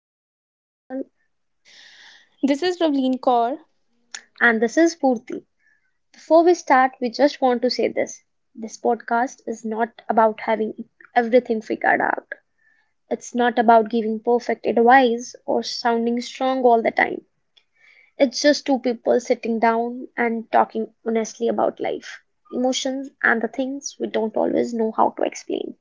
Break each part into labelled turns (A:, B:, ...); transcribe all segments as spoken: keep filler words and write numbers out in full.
A: Back to our channel
B: This is Ravleen Kaur.
A: and this is Purti. Before we start, we just want to say this. This podcast is not about having everything figured out. It's not about giving perfect advice or sounding strong all the time. It's just two people sitting down and talking honestly about life, emotions and the things we don't always know how to explain.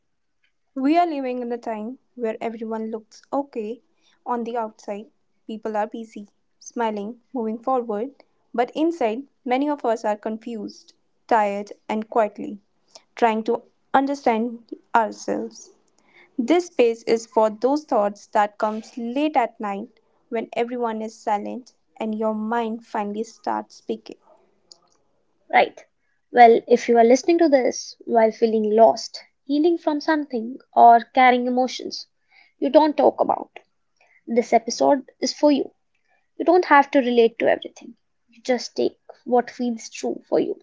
B: We are living in a time where everyone looks okay on the outside. People are busy, smiling, moving forward, but inside, many of us are confused, tired, and quietly trying to understand ourselves. This space is for those thoughts that comes late at night when everyone is silent and your mind finally starts speaking.
A: Right. Well, if you are listening to this while feeling lost, healing from something, or carrying emotions you don't talk about, this episode is for you. You don't have to relate to everything. You just take what feels true for you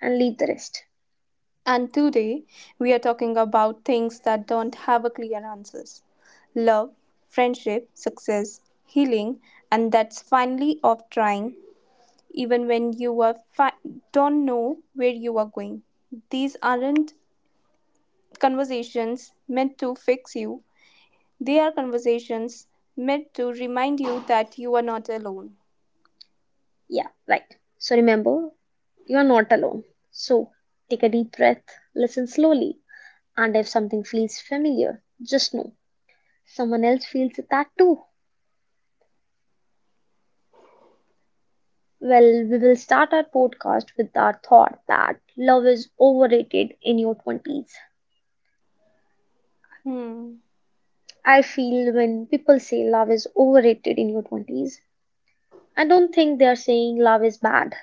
A: and leave the rest.
B: And today we are talking about things that don't have a clear answers. Love, friendship, success, healing, and that's finally off trying even when you are fi- don't know where you are going. These aren't conversations meant to fix you. They are conversations meant to remind you that you are not alone.
A: Yeah, right. So remember, you are not alone. So take a deep breath, listen slowly, and if something feels familiar, just know someone else feels that too. Well, we will start our podcast with our thought that love is overrated in your twenties.
B: Hmm.
A: I feel when people say love is overrated in your twenties, I don't think they are saying love is bad.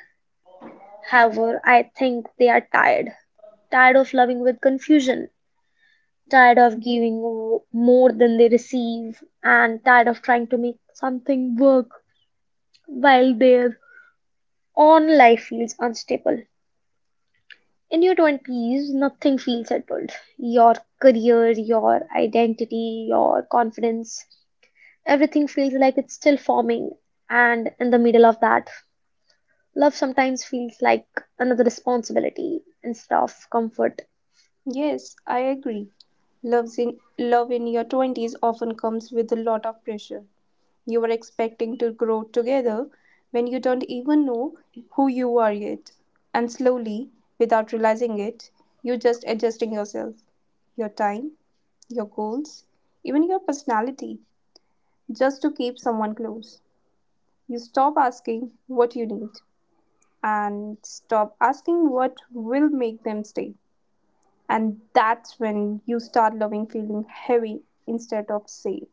A: However, I think they are tired. Tired of loving with confusion, tired of giving more than they receive, and tired of trying to make something work while their own life feels unstable. In your twenties, nothing feels settled. Your career, your identity, your confidence, everything feels like it's still forming. And in the middle of that, love sometimes feels like another responsibility instead of comfort.
B: Yes, I agree. Loves in love in your twenties often comes with a lot of pressure. You are expecting to grow together when you don't even know who you are yet. And slowly, without realizing it, you're just adjusting yourself, your time, your goals, even your personality, just to keep someone close. You stop asking what you need and stop asking what will make them stay. And that's when you start loving feeling heavy instead of safe.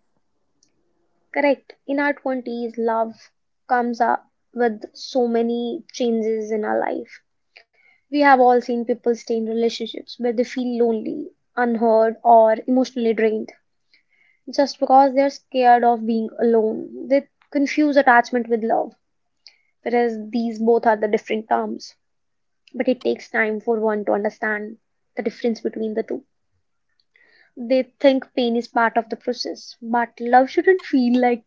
A: Correct. In our twenties, love comes up with so many changes in our life. We have all seen people stay in relationships where they feel lonely, unheard, or emotionally drained just because they're scared of being alone. They confuse attachment with love, whereas these both are the different terms. But it takes time for one to understand the difference between the two. They think pain is part of the process, but love shouldn't feel like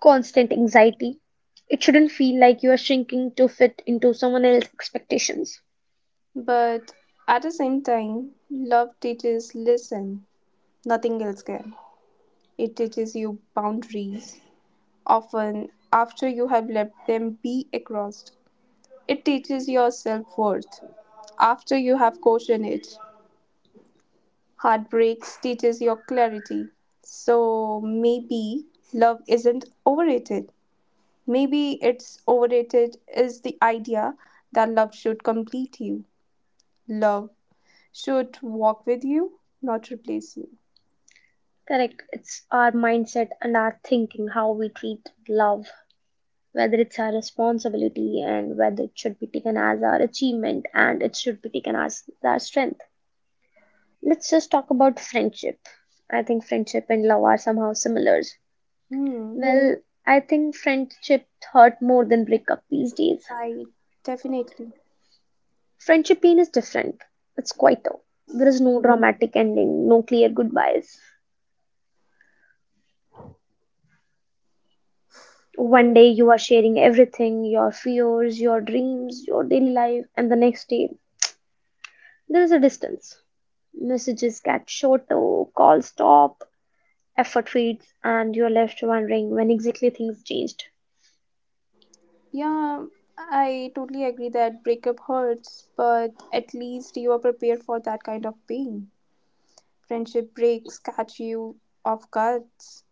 A: constant anxiety. It shouldn't feel like you are shrinking to fit into someone else's expectations.
B: But at the same time, love teaches listen. Nothing else can. It teaches you boundaries, often after you have let them be crossed. It teaches your self worth after you have questioned it. Heartbreaks teaches your clarity. So maybe love isn't overrated. Maybe it's overrated is the idea that love should complete you. Love should walk with you, not replace you.
A: Correct. It's our mindset and our thinking how we treat love whether it's our responsibility and whether it should be taken as our achievement and it should be taken as our strength. Let's just talk about friendship. I think friendship and love are somehow similar.
B: Hmm.
A: Well, I think friendship hurt more than breakup these days.
B: I definitely.
A: Friendship pain is different. It's quieter. There is no dramatic ending, no clear goodbyes. One day you are sharing everything, your fears, your dreams, your daily life, and the next day there is a distance. Messages get shorter, calls stop, effort fades, and you're left wondering when exactly things changed.
B: Yeah, I totally agree that breakup hurts, but at least you are prepared for that kind of pain. Friendship breaks catch you off guards.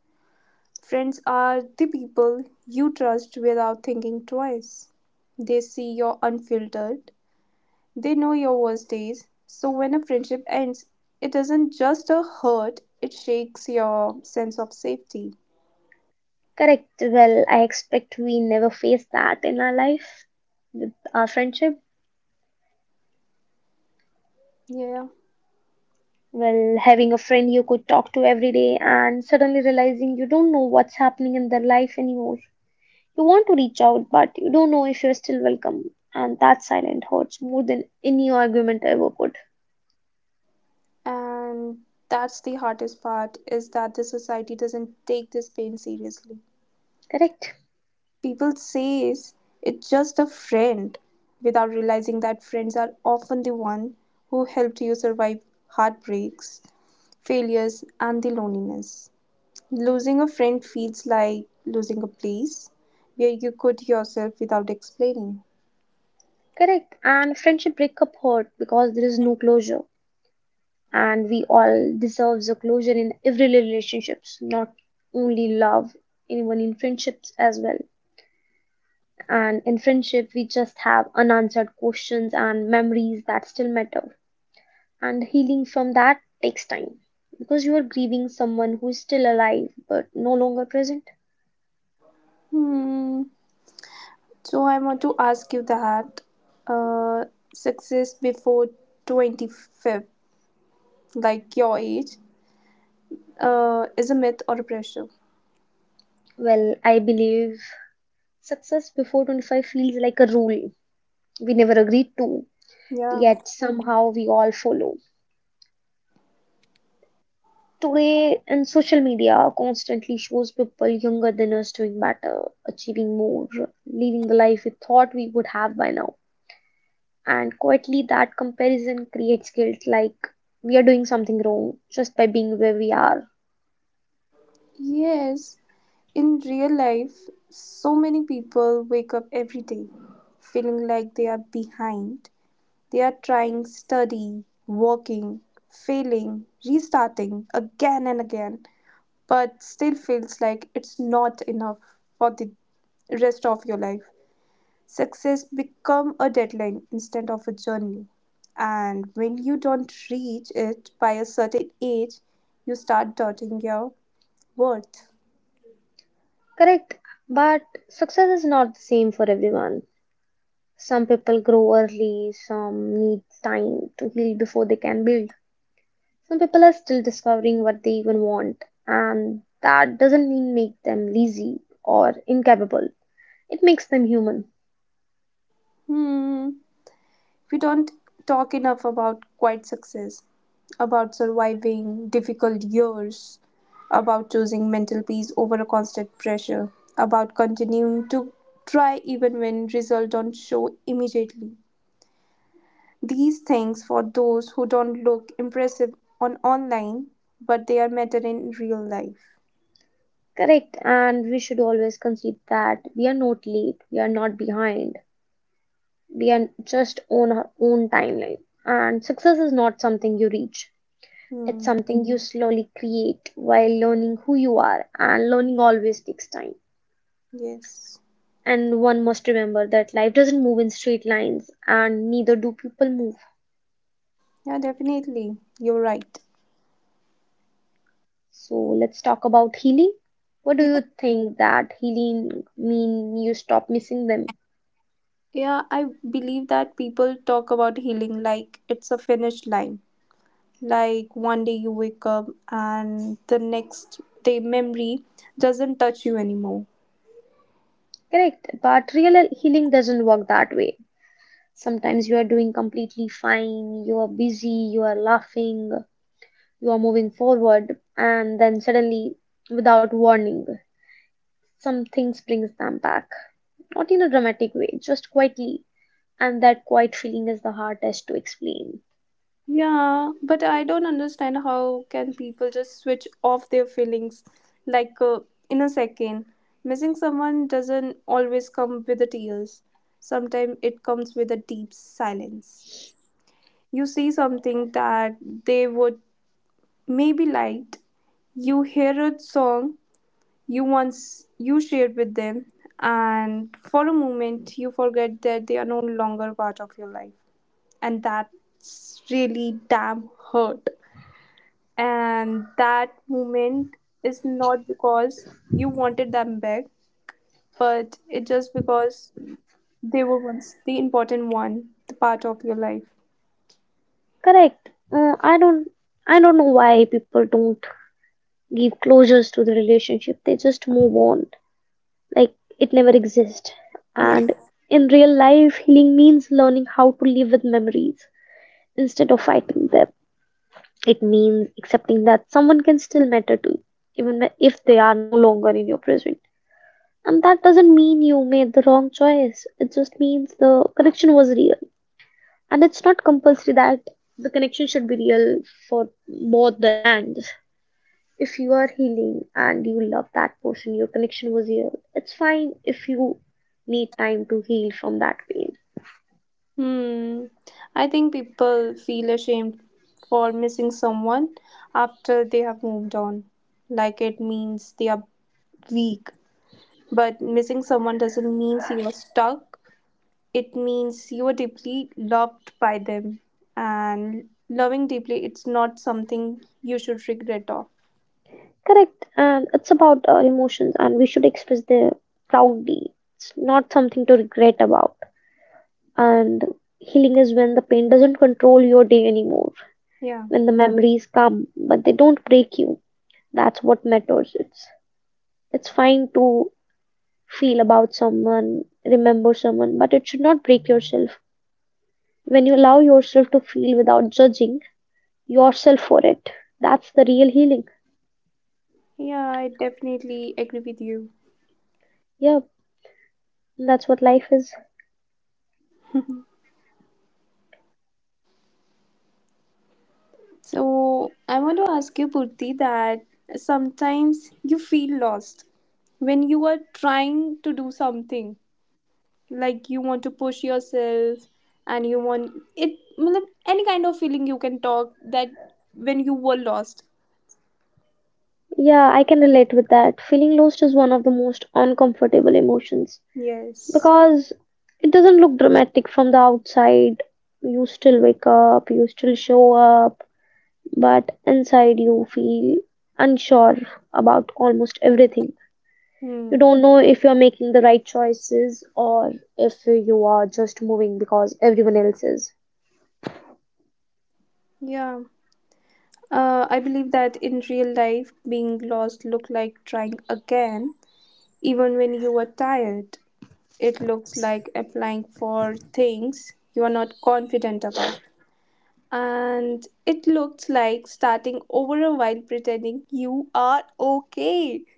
B: Friends are the people you trust without thinking twice. They see your unfiltered, they know your worst days. So when a friendship ends, it doesn't just a hurt, it shakes your sense of safety.
A: Correct. Well, I expect we never face that in our life with our friendship.
B: Yeah.
A: Well, having a friend you could talk to every day and suddenly realizing you don't know what's happening in their life anymore. You want to reach out, but you don't know if you're still welcome. And that silence hurts more than any argument ever could.
B: And that's the hardest part is that the society doesn't take this pain seriously.
A: Correct.
B: People says it's just a friend without realizing that friends are often the one who helped you survive heartbreaks, failures and the loneliness. Losing a friend feels like losing a place where you could yourself without explaining.
A: Correct. And friendship breakup hurt because there is no closure. And we all deserves a closure in every relationships, not only love, even in friendships as well. And in friendship we just have unanswered questions and memories that still matter, and healing from that takes time because you are grieving someone who is still alive but no longer present.
B: Hmm. So I want to ask you that uh, success before twenty-fifth like your age, uh, is a myth or a pressure.
A: Well, I believe success before twenty-five feels like a rule we never agreed to,
B: Yeah.
A: yet somehow we all follow. Today and social media constantly shows people younger than us doing better, achieving more, living the life we thought we would have by now. And quietly, that comparison creates guilt like we are doing something wrong just by being where we are.
B: Yes, in real life, so many people wake up every day feeling like they are behind. They are trying, study, working, failing, restarting again and again, but still feels like it's not enough for the rest of your life. Success become a deadline instead of a journey. And when you don't reach it by a certain age, you start doubting your worth.
A: Correct, but success is not the same for everyone. Some people grow early, some need time to heal before they can build. Some people are still discovering what they even want, and that doesn't mean make them lazy or incapable. It makes them human.
B: Hmm. We don't talk enough about quiet success, about surviving difficult years, about choosing mental peace over a constant pressure, about continuing to try even when results don't show immediately. These things for those who don't look impressive on online, but they are matter in real life.
A: Correct, and we should always concede that we are not late, we are not behind, we are just on our own timeline. And success is not something you reach, it's
B: Hmm.
A: something you slowly create while learning who you are, and learning always takes time.
B: Yes.
A: And one must remember that life doesn't move in straight lines, and neither do people move.
B: Yeah, definitely. You're right.
A: So let's talk about healing. What do
B: Yeah,
A: you think, that healing mean you stop missing them?
B: yeah, I believe that people talk about healing like it's a finish line. Like one day you wake up and the next day memory doesn't touch you anymore.
A: Correct, but real healing doesn't work that way. Sometimes you are doing completely fine, you are busy, you are laughing, you are moving forward, and then suddenly, without warning, some things brings them back. Not in a dramatic way, just quietly. And that quiet feeling is the hardest to explain.
B: Yeah, but I don't understand how can people just switch off their feelings like uh, in a second. Missing someone doesn't always come with the tears. Sometimes it comes with a deep silence. You see something that they would maybe liked. You hear a song you once you shared with them and for a moment you forget that they are no longer part of your life, and that's really damn hurt. And that moment is not because you wanted them back, but it just because they were once the important one, the part of your life.
A: Correct. Uh, I don't I don't know why people don't give closures to the relationship, they just move on like it never exists.
B: Yeah.
A: And in real life healing means learning how to live with memories instead of fighting them. It means accepting that someone can still matter to you even if they are no longer in your present, and that doesn't mean you made the wrong choice, it just means the connection was real. And it's not compulsory that the connection should be real for both the ends. If you are healing and you love that person, your connection was healed. It's fine if you need time to heal from that pain.
B: Hmm. I think people feel ashamed for missing someone after they have moved on, like it means they are weak. But missing someone doesn't mean you are stuck, it means you are deeply loved by them. And loving deeply it's not something you should regret of.
A: Correct. And it's about our emotions, and we should express them proudly. It's not something to regret about. And healing is when the pain doesn't control your day anymore,
B: Yeah,
A: when the memories come, but they don't break you. That's what matters. It's it's fine to feel about someone, remember someone, but it should not break yourself. When you allow yourself to feel without judging yourself for it, that's the real healing.
B: yeah, I definitely agree with you.
A: Yeah, that's what life is.
B: So I want to ask you, Purti, that sometimes you feel lost when you are trying to do something, like you want to push yourself and you want it matlab, any kind of feeling you can talk that when you were lost.
A: Yeah, I can relate with that. Feeling lost is one of the most uncomfortable emotions
B: Yes.
A: because it doesn't look dramatic from the outside. You still wake up, you still show up, but inside you feel unsure about almost everything. You
B: Hmm.
A: don't know if you're making the right choices or if you are just moving because everyone else is.
B: Yeah. Uh, I believe that in real life, being lost look like trying again, even when you are tired. It looks like applying for things you are not confident about. And it looks like starting over a while pretending you are okay.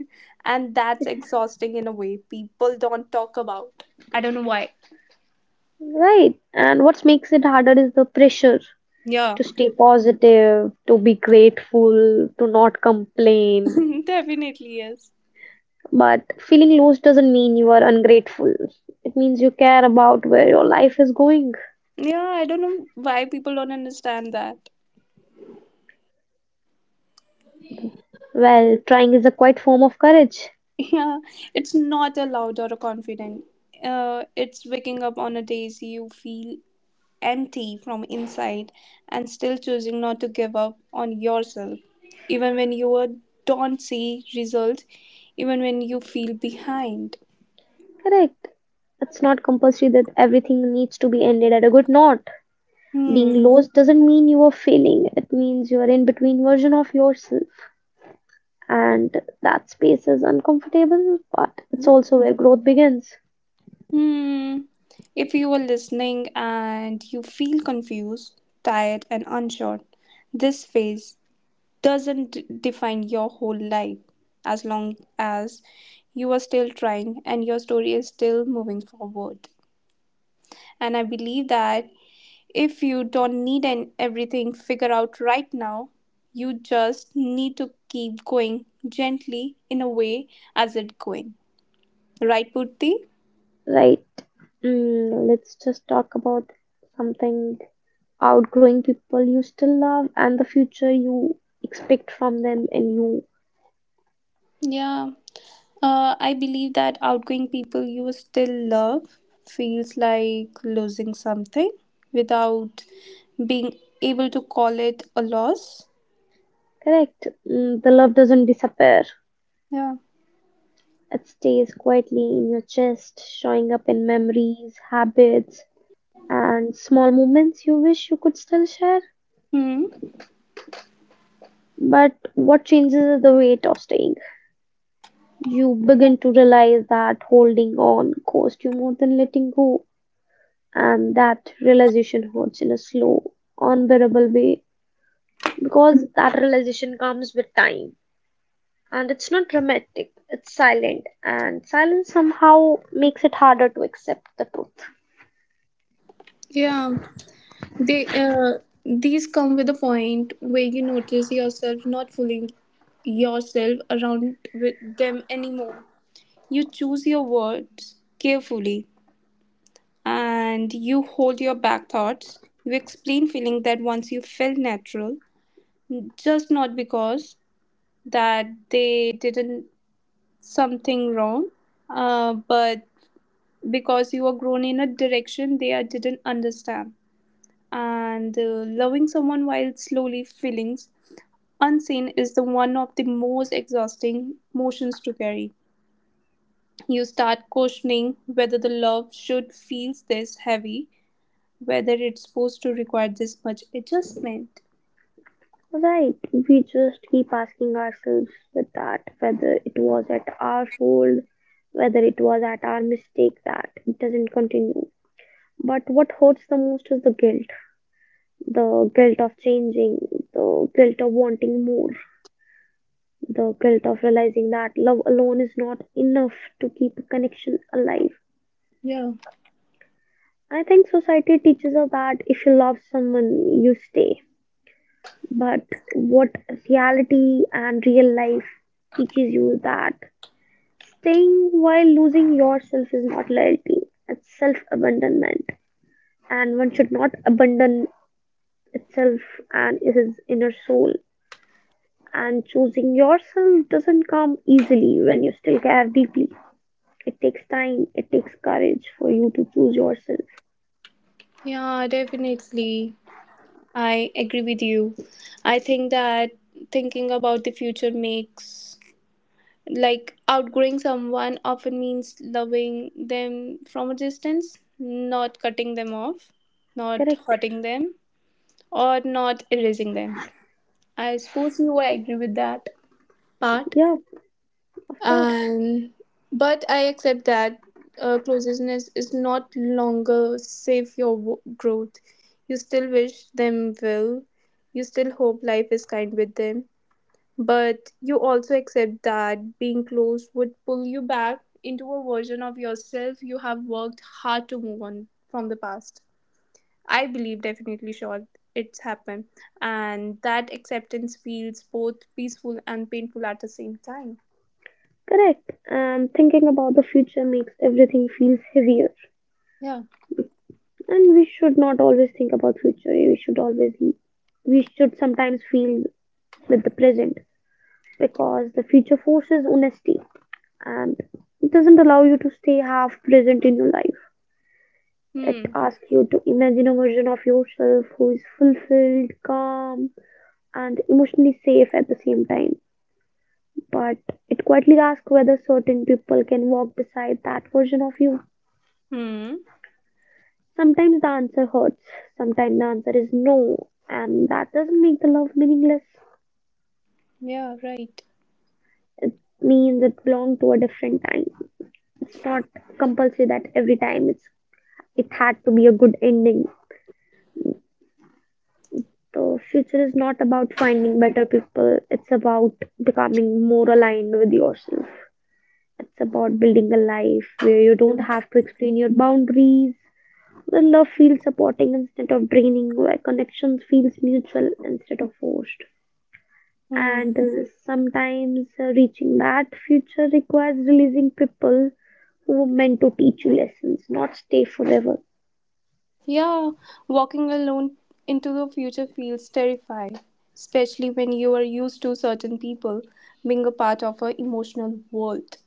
B: And that's exhausting in a way people don't talk about. I don't know why.
A: Right. And what makes it harder is the pressure
B: Yeah.
A: to stay positive, to be grateful, to not complain.
B: Definitely yes.
A: But feeling lost doesn't mean you are ungrateful. It means you care about where your life is going.
B: Yeah, I don't know why people don't understand that.
A: Well, trying is a quite form of courage.
B: Yeah, it's not allowed or confident. Uh, it's waking up on a days you feel empty from inside and still choosing not to give up on yourself, even when you are- don't see results, even when you feel behind.
A: Correct. It's not compulsory that everything needs to be ended at a good note.
B: Hmm.
A: Being lost doesn't mean you are failing. It means you are in between version of yourself. And that space is uncomfortable, but it's also where growth begins,
B: Hmm. If you are listening and you feel confused, tired, and unsure, this phase doesn't d- define your whole life as long as you are still trying and your story is still moving forward. And I believe that if you don't need an everything figured out right now, you just need to keep going gently in a way as it going. Right, Purti?
A: right? Mm, let's just talk about something, outgrowing people you still love and the future you expect from them and you.
B: Yeah, uh, I believe that outgoing people you still love feels like losing something without being able to call it a loss.
A: Correct. Mm, the love doesn't disappear,
B: Yeah.
A: it stays quietly in your chest, showing up in memories, habits and small moments you wish you could still share.
B: Hmm.
A: But what changes is the weight of staying. You begin to realize that holding on costs you more than letting go, and that realization hurts in a slow, unbearable way because that realization comes with time. And it's not dramatic, it's silent, and silence somehow makes it harder to accept the truth.
B: Yeah, they uh, these come with a point where you notice yourself not fooling yourself around with them anymore. You choose your words carefully and you hold your back thoughts. You explain feeling that once you felt natural just not because that they didn't something wrong, uh, but because you were grown in a direction they are- didn't understand. And uh, loving someone while slowly feelings unseen is the one of the most exhausting emotions to carry. You start questioning whether the love should feel this heavy, whether it's supposed to require this much adjustment.
A: Right, we just keep asking ourselves with that whether it was at our fault, whether it was at our mistake that it doesn't continue. But what hurts the most is the guilt, the guilt of changing, the guilt of wanting more, the guilt of realizing that love alone is not enough to keep a connection alive.
B: Yeah.
A: I think society teaches us that if you love someone, you stay. But what reality and real life teaches you, that staying while losing yourself is not loyalty, it's self abandonment. And one should not abandon itself and his inner soul. And choosing yourself doesn't come easily when you still care deeply. It takes time, it takes courage for you to choose yourself.
B: Yeah, definitely. I agree with you. I think that thinking about the future makes, like, outgrowing someone often means loving them from a distance, not cutting them off, not
A: Correct.
B: hurting them, or not erasing them. I suppose you will agree with that part.
A: Yeah, of course.
B: And but I accept that uh, closeness is not longer safe your w- growth. You still wish them well, you still hope life is kind with them, but you also accept that being close would pull you back into a version of yourself you have worked hard to move on from the past. I believe definitely sure it's happened, and that acceptance feels both peaceful and painful at the same time.
A: Correct. And thinking about the future makes everything feels heavier.
B: Yeah.
A: And we should not always think about future. We should always we should sometimes feel with the present because the future forces honesty, and it doesn't allow you to stay half present in your life. It
B: Hmm.
A: asks you to imagine a version of yourself who is fulfilled, calm, and emotionally safe at the same time. But it quietly asks whether certain people can walk beside that version of you.
B: Hmm.
A: Sometimes the answer hurts, sometimes the answer is no, and that doesn't make the love meaningless.
B: Yeah, right.
A: It means it belonged to a different time. It's not compulsory that every time it's it had to be a good ending. The future is not about finding better people, it's about becoming more aligned with yourself. It's about building a life where you don't have to explain your boundaries, where love feels supporting instead of draining, where connections feels mutual instead of forced.
B: Hmm.
A: And uh, sometimes uh, reaching that future requires releasing people who were meant to teach you lessons, not stay forever.
B: Yeah, walking alone into the future feels terrifying, especially when you are used to certain people being a part of an emotional world.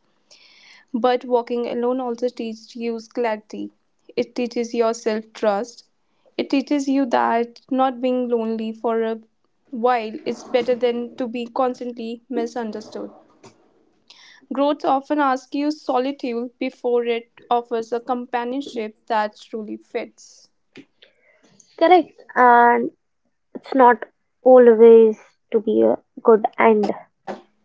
B: But walking alone also teaches you clarity. It teaches your self trust. It teaches you that not being lonely for a while is better than to be constantly misunderstood. Growth often argues solitude before it offers a companionship that truly fits.
A: Correct. And it's not always to be a good end.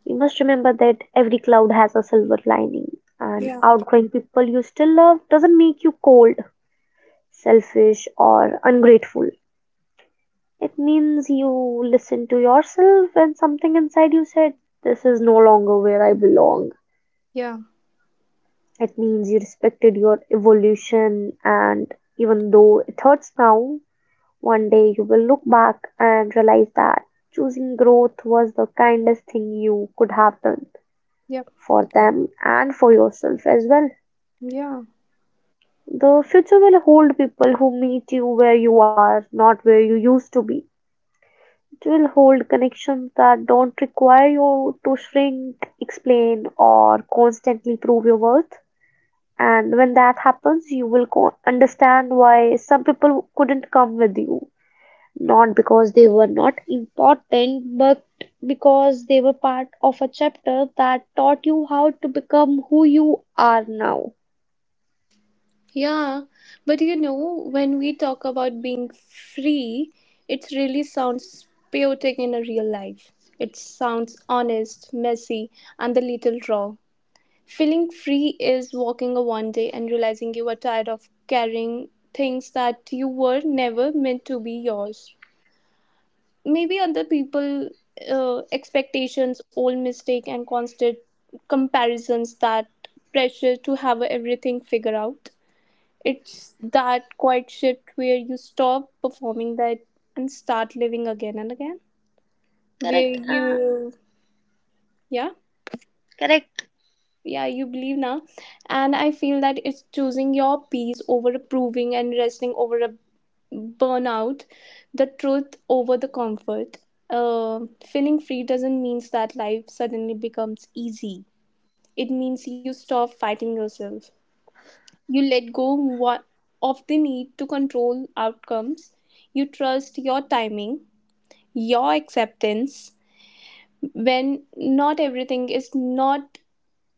A: We must remember that every cloud has a silver lining, and
B: Yeah.
A: outgrowing people you still love doesn't make you cold, selfish, or ungrateful. It means you listen to yourself and something inside you said, "This is no longer where I belong."
B: Yeah,
A: It means you respected your evolution, and even though it hurts now, one day you will look back and realize that choosing growth was the kindest thing you could have done
B: yeah,
A: for them and for yourself as well.
B: yeah.
A: The future will hold people who meet you where you are, not where you used to be. It will hold connections that don't require you to shrink, explain, or constantly prove your worth. And when that happens, you will co- understand why some people couldn't come with you. Not because they were not important, but because they were part of a chapter that taught you how to become who you are now.
B: Yeah, but you know, when we talk about being free, it really sounds chaotic in a real life. It sounds honest, messy, and a little raw. Feeling free is walking a one day and realizing you are tired of carrying things that you were never meant to be yours. Maybe other people uh, expectations old mistake and constant comparisons, that pressure to have everything figured out. It's that quiet shift where you stop performing that and start living again and again, where
A: Correct. Uh,
B: you yeah
A: correct.
B: yeah you believe now. And I feel that it's choosing your peace over approving and resting over burnout, the truth over the comfort. Uh, feeling free doesn't mean that life suddenly becomes easy. It means you stop fighting yourself. You let go wha- of the need to control outcomes. You trust your timing, your acceptance. When not everything is not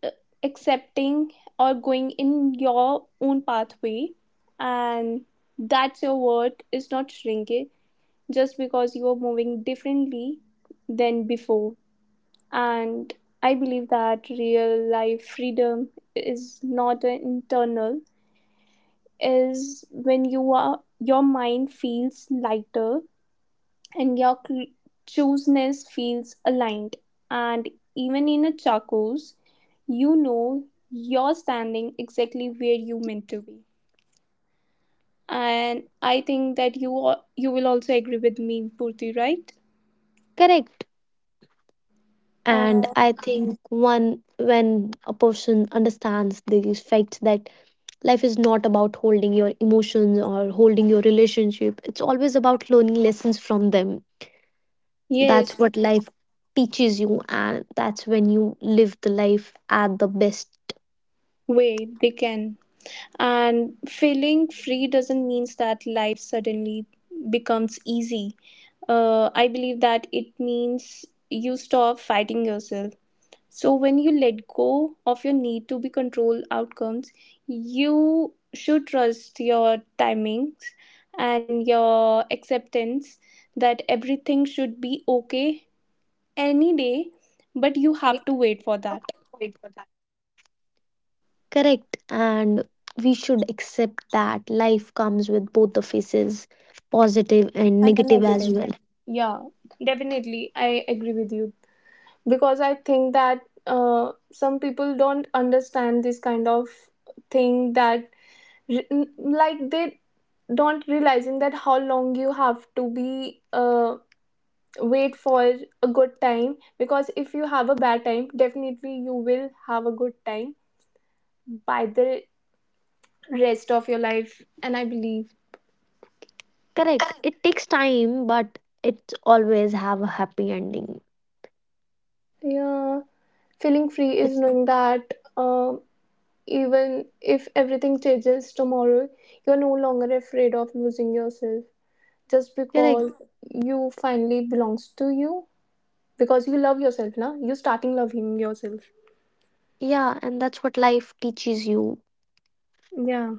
B: uh, accepting or going in your own pathway, and that's your worth is not shrinking just because you are moving differently than before. And I believe that real life freedom is not an internal, is when you are your mind feels lighter and your cl- chooseness feels aligned. And even in a chakos, you know you're standing exactly where you meant to be. And I think that you are, you will also agree with me, Purti, right?
A: Correct. And
B: Uh,
A: I think one, when a person understands the fact that life is not about holding your emotions or holding your relationship, it's always about learning lessons from them.
B: yes,
A: That's what life teaches you, and that's when you live the life at the best.
B: way they can. And feeling free doesn't mean that life suddenly becomes easy. Uh, I believe that it means you stop fighting yourself. So when you let go of your need to be control outcomes, you should trust your timings and your acceptance that everything should be okay any day, but you have to wait for that.
A: Correct, and we should accept that life comes with both the faces, positive and
B: And a
A: negative as
B: negative.
A: well.
B: Yeah, definitely. I agree with you because I think that uh, some people don't understand this kind of thing, that re- n- like they don't realizing that how long you have to be uh, wait for a good time, because if you have a bad time definitely you will have a good time by the rest of your life, and I believe
A: Correct, it takes time, but it always have a happy ending.
B: yeah feeling free
A: It's
B: is knowing that um even if everything changes tomorrow, you're no longer afraid of losing yourself just
A: correct,
B: because you finally belongs to you because you love yourself now you starting loving yourself.
A: yeah, and that's what life teaches you.
B: Yeah.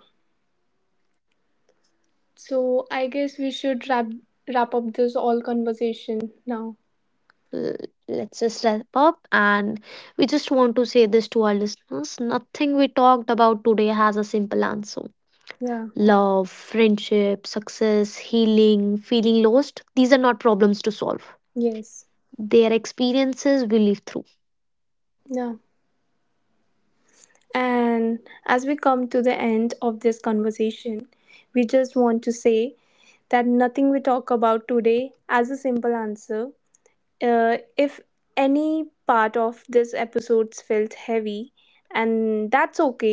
B: So I guess we should wrap wrap up this all conversation now.
A: L- Let's just wrap up, and we just want to say this to our listeners: nothing we talked about today has a simple answer.
B: Yeah.
A: Love, friendship, success, healing, feeling lost, these are not problems to solve,
B: Yes.
A: their experiences we live through.
B: Yeah. And as we come to the end of this conversation, we just want to say that nothing we talk about today as a simple answer. Uh, if any part of this episode's felt heavy, and that's okay,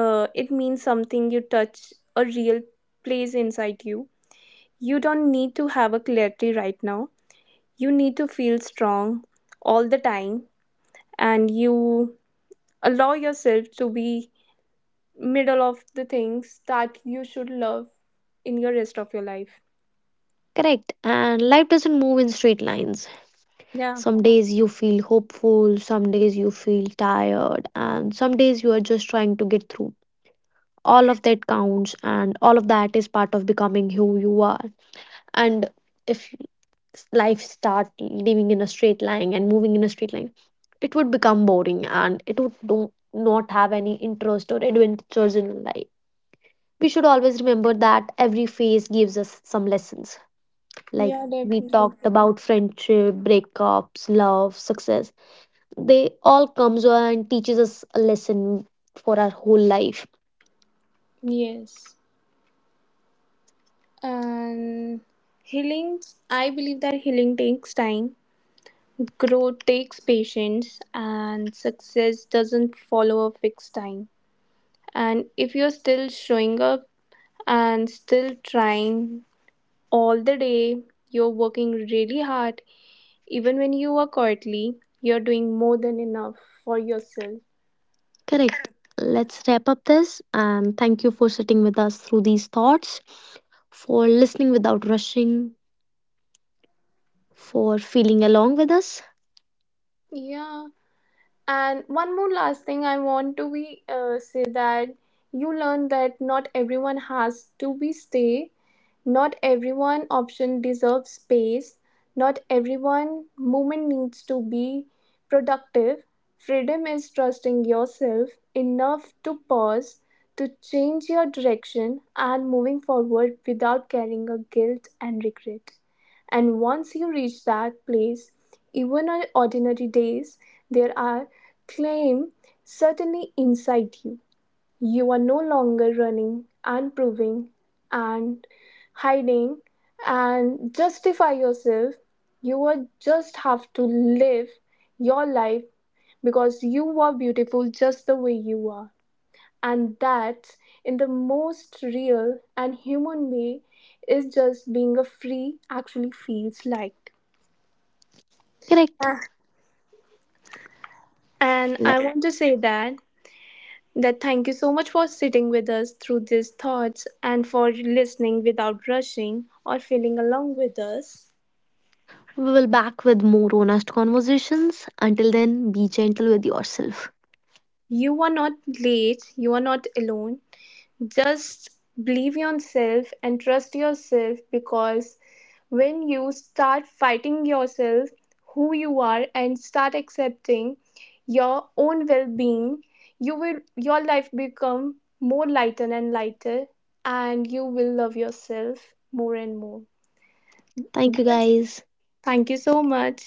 B: uh, it means something you touch a real place inside you. You don't need to have a clarity right now. You need to feel strong all the time, and you allow yourself to be middle of the things that you should love in your rest of your life.
A: Correct. And life doesn't move in straight lines.
B: Yeah.
A: Some days you feel hopeful, some days you feel tired, and some days you are just trying to get through. All of that counts, and all of that is part of becoming who you are. And if life start living in a straight line and moving in a straight line, it would become boring and it would do not have any interest or adventures in life. We should always remember that every phase gives us some lessons. Like
B: Yeah,
A: we talked
B: definitely.
A: about friendship, breakups, love, success. They all comes and teaches us a lesson for our whole life.
B: Yes. And healing, I believe that healing takes time, growth takes patience, and success doesn't follow a fixed time. And if you're still showing up and still trying all the day, you're working really hard, even when you are quietly, you're doing more than enough for yourself.
A: Correct. Let's wrap up this and thank you for sitting with us through these thoughts, for listening without rushing, for feeling along with us.
B: Yeah. And one more last thing I want to be uh, say that you learn that not everyone has to be stay, not everyone option deserves space, not everyone movement needs to be productive. Freedom is trusting yourself enough to pause, to change your direction and moving forward without carrying a guilt and regret. And once you reach that place, even on ordinary days, there are claim certainly inside you. You are no longer running and proving and hiding and justify yourself. You are just have to live your life because you are beautiful just the way you are. And that, in the most real and human way, is just being a free actually feels like.
A: Correct.
B: And
A: Le-
B: I want to say that that thank you so much for sitting with us through these thoughts and for listening without rushing or feeling along with us.
A: We will back with more honest conversations. Until then, be gentle with yourself.
B: You are not late, you are not alone. Just believe in yourself and trust yourself, because when you start fighting yourself, who you are, and start accepting your own well being, you will your life become more lighter and lighter and you will love yourself more and more.
A: Thank you guys.
B: Thank you so much.